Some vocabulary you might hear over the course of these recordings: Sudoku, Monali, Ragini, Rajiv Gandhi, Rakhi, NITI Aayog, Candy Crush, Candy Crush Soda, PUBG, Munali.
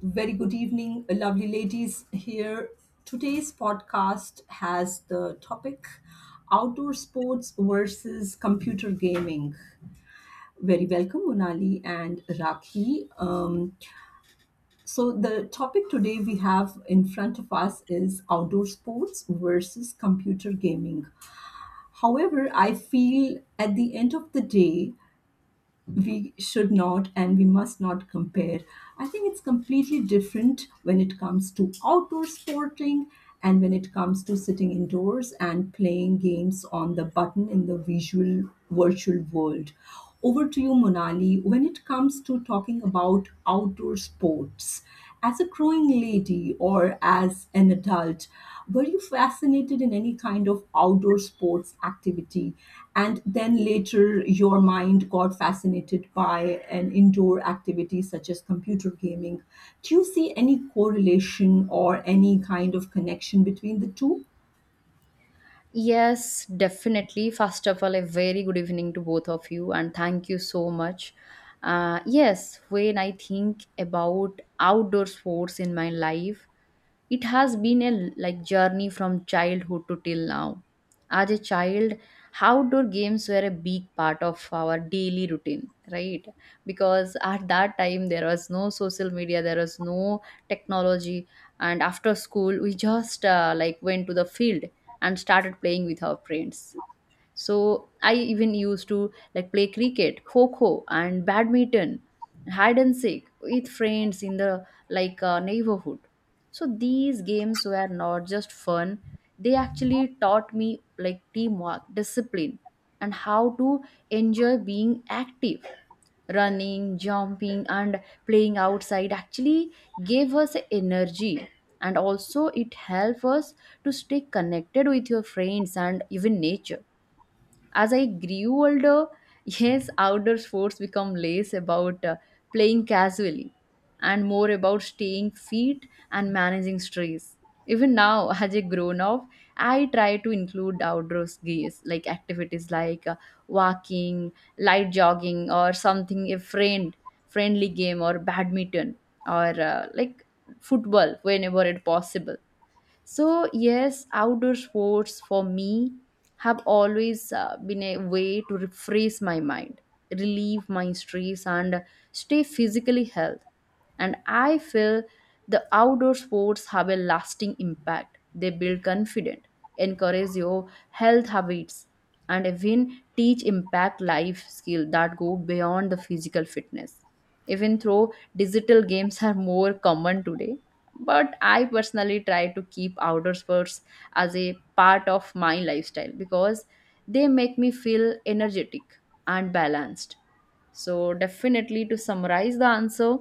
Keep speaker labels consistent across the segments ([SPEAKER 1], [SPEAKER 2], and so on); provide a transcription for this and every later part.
[SPEAKER 1] Very good evening, lovely ladies here. Today's podcast has the topic outdoor sports versus computer gaming. Very welcome, Munali and Rakhi. The topic today we have in front of us is outdoor sports versus computer gaming. However, I feel at the end of the day, we should not and we must not compare. I think it's completely different when it comes to outdoor sporting and when it comes to sitting indoors and playing games on the button in the visual virtual world. Over to you, Monali, when it comes to talking about outdoor sports. As a growing lady or as an adult, were you fascinated in any kind of outdoor sports activity? And then later, your mind got fascinated by an indoor activity such as computer gaming. Do you see any correlation or any kind of connection between the two?
[SPEAKER 2] Yes, definitely. First of all, a very good evening to both of you, and thank you so much. Yes, when I think about outdoor sports in my life, it has been a journey from childhood to till now. As a child, outdoor games were a big part of our daily routine, right? Because at that time there was no social media, there was no technology, and after school we just like went to the field and started playing with our friends. So I even used to like play cricket, kho and badminton, hide and seek with friends in the like neighborhood. So these games were not just fun; they actually taught me like teamwork, discipline, and how to enjoy being active, running, jumping, and playing outside actually gave us energy, and also it helped us to stay connected with your friends and even nature. As I grew older, yes, outdoor sports become less about playing casually and more about staying fit and managing stress. Even now, as a grown up, I try to include outdoor games like activities like walking, light jogging, or something a friendly game or badminton or like football whenever it possible. So, yes, outdoor sports for me have always been a way to refresh my mind, relieve my stress, and stay physically healthy. And I feel the outdoor sports have a lasting impact. They build confidence, encourage your health habits, and even teach impact life skills that go beyond the physical fitness. Even though digital games are more common today, but I personally try to keep outdoor sports as a part of my lifestyle because they make me feel energetic and balanced. So definitely, to summarize the answer,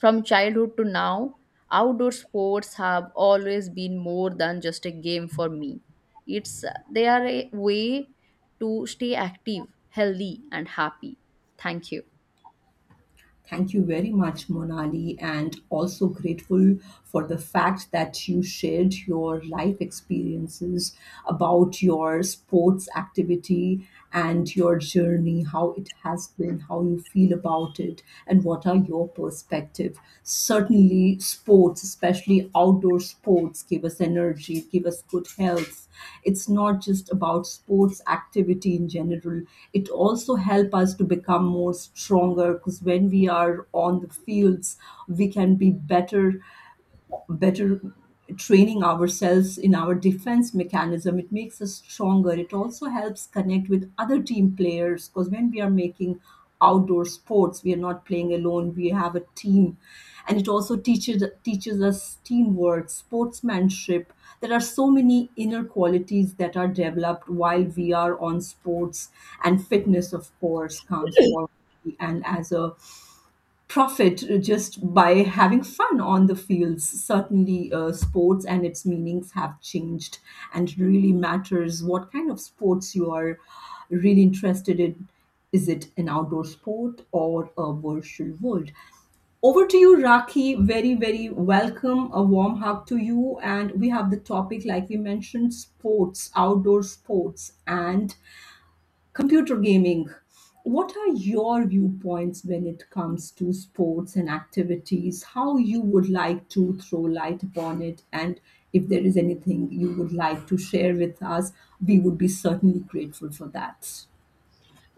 [SPEAKER 2] from childhood to now, outdoor sports have always been more than just a game for me. It's They are a way to stay active, healthy, and happy. Thank you.
[SPEAKER 1] Thank you very much, Monali, and also grateful for the fact that you shared your life experiences about your sports activity and your journey, how it has been, how you feel about it, and what are your perspective. Certainly, sports, especially outdoor sports, give us energy, give us good health. It's not just about sports activity in general. It also help us to become more stronger because when we are on the fields, we can be better training ourselves in our defense mechanism. It makes us stronger. It also helps connect with other team players because when we are making outdoor sports, we are not playing alone, we have a team, and it also teaches us teamwork, sportsmanship. There are so many inner qualities that are developed while we are on sports, and fitness of course comes forward, and as a profit just by having fun on the fields. Certainly, sports and its meanings have changed, and it really matters what kind of sports you are really interested in. Is it an outdoor sport or a virtual world? Over to you, Raki. Very, very welcome. A warm hug to you. And we have the topic, like we mentioned, sports, outdoor sports, and computer gaming. What are your viewpoints when it comes to sports and activities? How you would like to throw light upon it, and if there is anything you would like to share with us, we would be certainly grateful for that.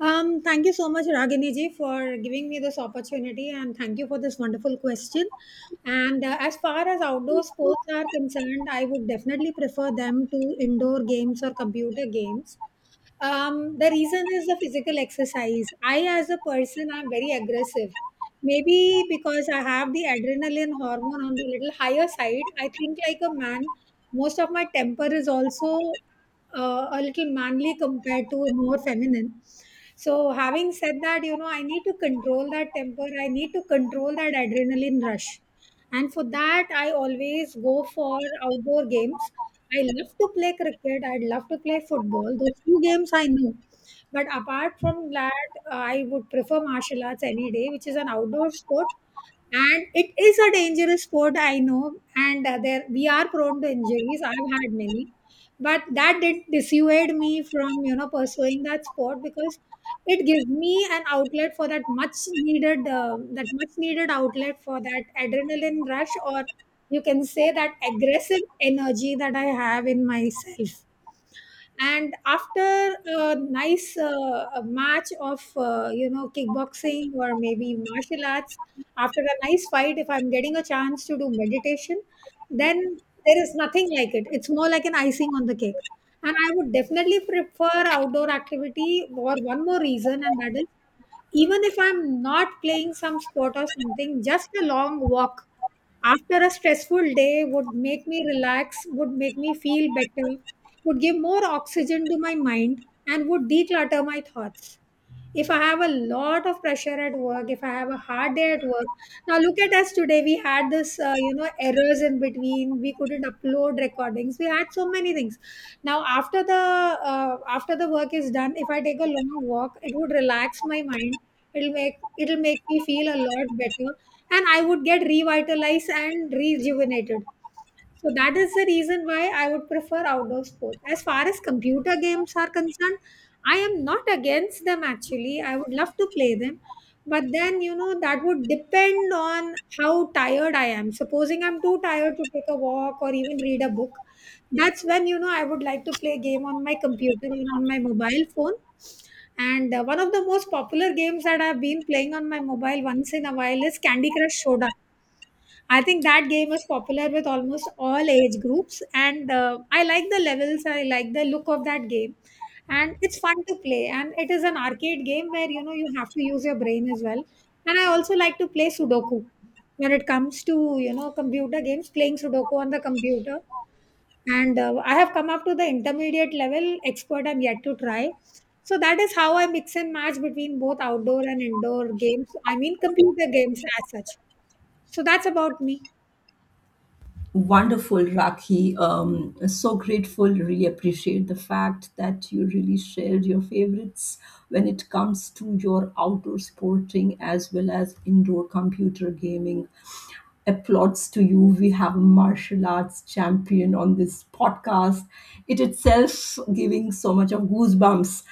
[SPEAKER 3] Thank you so much, Ragini ji, for giving me this opportunity, and thank you for this wonderful question. And As far as outdoor sports are concerned, I would definitely prefer them to indoor games or computer games. The reason is the physical exercise. I, as a person, I'm very aggressive. Maybe because I have the adrenaline hormone on the little higher side, I think like a man. Most of my temper is also a little manly compared to a more feminine. So, having said that, you know, I need to control that temper, I need to control that adrenaline rush. And for that, I always go for outdoor games. I love to play cricket, I'd love to play football, those two games I know. But apart from that, I would prefer martial arts any day, which is an outdoor sport, and it is a dangerous sport, I know, and there we are prone to injuries. I've had many, but that did dissuade me from you know pursuing that sport, because it gives me an outlet for that much needed outlet for that adrenaline rush, or you can say that aggressive energy that I have in myself. And after a nice a match of you know kickboxing or maybe martial arts, after a nice fight, if I'm getting a chance to do meditation, then there is nothing like it. It's more like an icing on the cake. And I would definitely prefer outdoor activity for one more reason, and that is, even if I'm not playing some sport or something, just a long walk after a stressful day would make me relax, would make me feel better, would give more oxygen to my mind, and would declutter my thoughts. If I have a lot of pressure at work, if I have a hard day at work, now look at us today. We had this, you know, errors in between. We couldn't upload recordings. We had so many things. Now after the work is done, if I take a long walk, it would relax my mind. It'll make me feel a lot better, and I would get revitalized and rejuvenated. So that is the reason why I would prefer outdoor sports. As far as computer games are concerned, I am not against them actually. I would love to play them. But then, you know, that would depend on how tired I am. Supposing I'm too tired to take a walk or even read a book, that's when, you know, I would like to play a game on my computer and on my mobile phone. And one of the most popular games that I've been playing on my mobile once in a while is Candy Crush Soda. I think that game is popular with almost all age groups, and I like the levels, I like the look of that game, and it's fun to play. And it is an arcade game, where you know you have to use your brain as well. And I also like to play Sudoku. When it comes to you know computer games, playing Sudoku on the computer, and I have come up to the intermediate level, expert I'm yet to try. So that is how I mix and match between both outdoor and indoor games. I mean computer games as such. So that's about me.
[SPEAKER 1] Wonderful, Rakhi. So grateful. Really appreciate the fact that you really shared your favorites when it comes to your outdoor sporting as well as indoor computer gaming. Applauds to you. We have a martial arts champion on this podcast. It itself giving so much of goosebumps.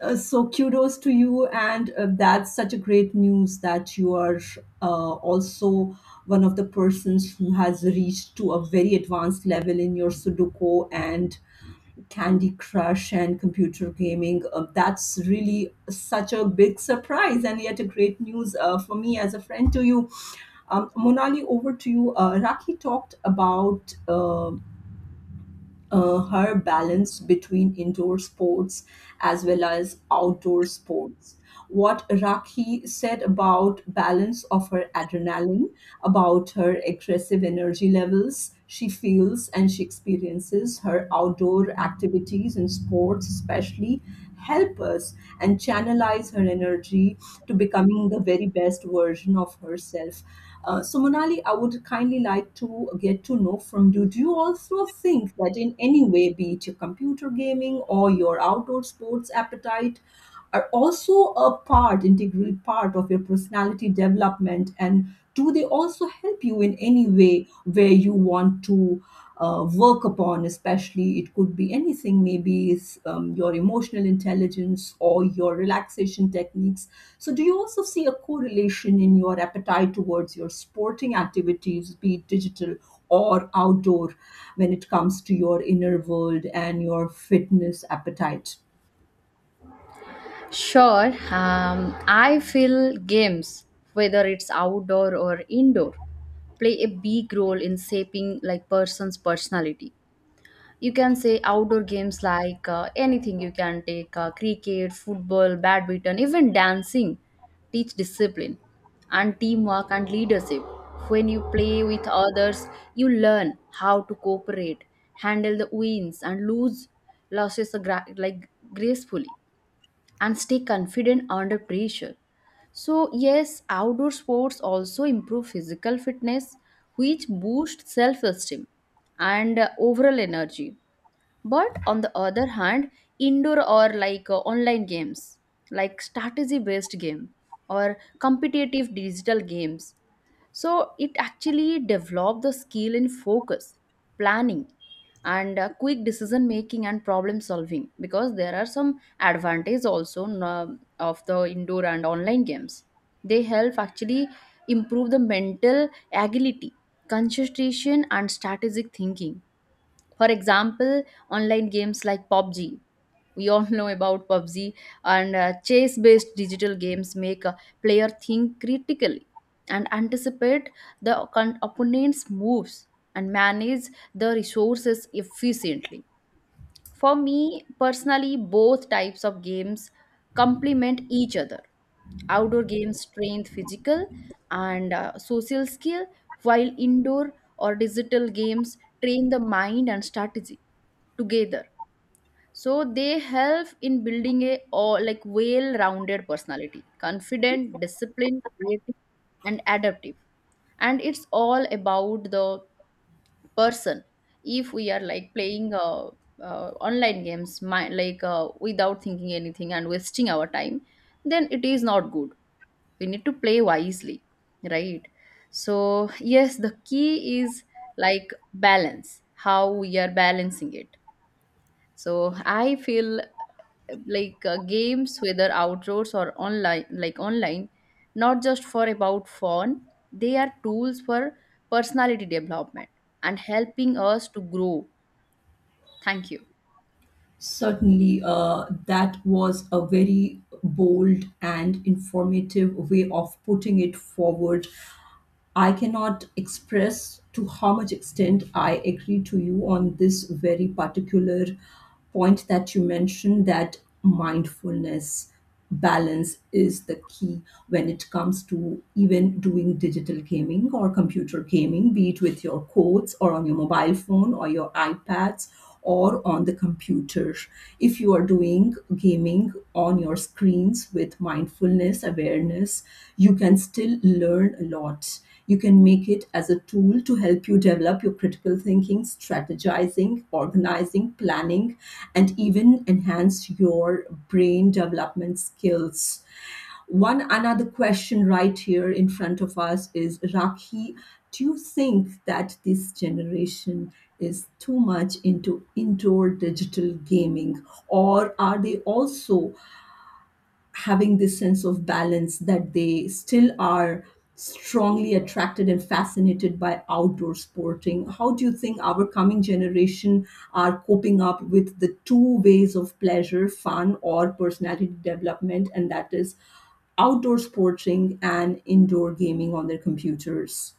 [SPEAKER 1] So kudos to you, and that's such a great news that you are also one of the persons who has reached to a very advanced level in your Sudoku and Candy Crush and computer gaming. That's really such a big surprise and yet a great news for me as a friend to you. Monali, over to you. Raki talked about her balance between indoor sports as well as outdoor sports. What Raki said about balance of her adrenaline, about her aggressive energy levels she feels and she experiences, her outdoor activities and sports especially help us and channelize her energy to becoming the very best version of herself. Monali, I would kindly like to get to know from you. Do you also think that in any way, be it your computer gaming or your outdoor sports appetite, are also a part, integral part of your personality development? And do they also help you in any way where you want to work upon? Especially, it could be anything, maybe it's your emotional intelligence or your relaxation techniques. So, do you also see a correlation in your appetite towards your sporting activities, be it digital or outdoor, when it comes to your inner world and your fitness appetite?
[SPEAKER 2] Sure, I feel games, whether it's outdoor or indoor, play a big role in shaping like person's personality. You can say outdoor games like anything, you can take cricket, football, badminton, even dancing teach discipline and teamwork and leadership. When you play with others, you learn how to cooperate, handle the wins and lose losses like gracefully and stay confident under pressure. So, yes, outdoor sports also improve physical fitness, which boosts self esteem and overall energy. But on the other hand, indoor or like online games, like strategy based game or competitive digital games, so it actually developed the skill in focus, planning, and quick decision making and problem solving, because there are some advantage also of the indoor and online games. They help actually improve the mental agility, concentration, and strategic thinking. For example, online games like PUBG. We all know about PUBG, and chess based digital games make a player think critically and anticipate the opponent's moves and manage the resources efficiently. For me personally, both types of games complement each other. Outdoor games train physical and social skill, while indoor or digital games train the mind and strategy together, so they help in building a all like well-rounded personality, confident, disciplined, creative, and adaptive. And it's all about the person. If we are like playing online games my, like without thinking anything and wasting our time, then it is not good. We need to play wisely, right? So yes, the key is like balance, how we are balancing it. So I feel like games whether outdoors or online, not just for about fun, they are tools for personality development and helping us to grow. Thank you.
[SPEAKER 1] Certainly, that was a very bold and informative way of putting it forward. I cannot express to how much extent I agree to you on this very particular point that you mentioned, that mindfulness balance is the key when it comes to even doing digital gaming or computer gaming, be it with your codes or on your mobile phone or your iPads or on the computer. If you are doing gaming on your screens with mindfulness, awareness, you can still learn a lot. You can make it as a tool to help you develop your critical thinking, strategizing, organizing, planning, and even enhance your brain development skills. One another question right here in front of us is, Rakhi, do you think that this generation is too much into indoor digital gaming, or are they also having this sense of balance that they still are strongly attracted and fascinated by outdoor sporting? How do you think our coming generation are coping up with the two ways of pleasure, fun, or personality development, and that is outdoor sporting and indoor gaming on their computers?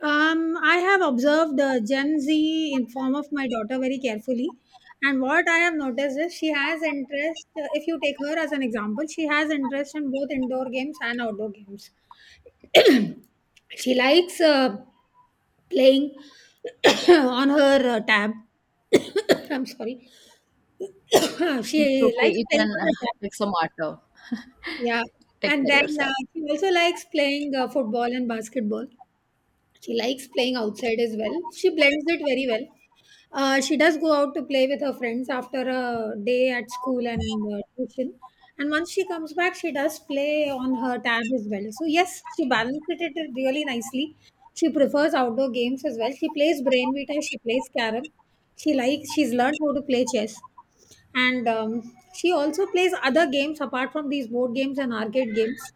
[SPEAKER 3] I have observed the Gen Z in form of my daughter very carefully, and what I have noticed is she has interest. If you take her as an example, she has interest in both indoor games and outdoor games. She likes playing on her tab. I'm sorry.
[SPEAKER 2] It's
[SPEAKER 3] She
[SPEAKER 2] okay,
[SPEAKER 3] likes
[SPEAKER 2] you
[SPEAKER 3] playing
[SPEAKER 2] can
[SPEAKER 3] on her tab.
[SPEAKER 2] take some water.
[SPEAKER 3] Yeah,
[SPEAKER 2] Take
[SPEAKER 3] and
[SPEAKER 2] care
[SPEAKER 3] then
[SPEAKER 2] yourself.
[SPEAKER 3] she also likes playing football and basketball. She likes playing outside as well. She blends it very well. She does go out to play with her friends after a day at school and tuition. And once she comes back, she does play on her tab as well. So, yes, she balances it really nicely. She prefers outdoor games as well. She plays brainvita, she plays carom. She likes, she's learned how to play chess. And she also plays other games apart from these board games and arcade games.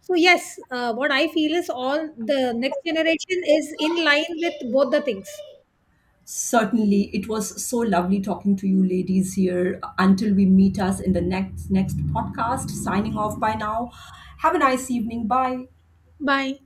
[SPEAKER 3] So yes, what I feel is all the next generation is in line with both the things.
[SPEAKER 1] Certainly, it was so lovely talking to you ladies here. Until we meet us in the next podcast, signing off by now. Have a nice evening. Bye.
[SPEAKER 3] Bye.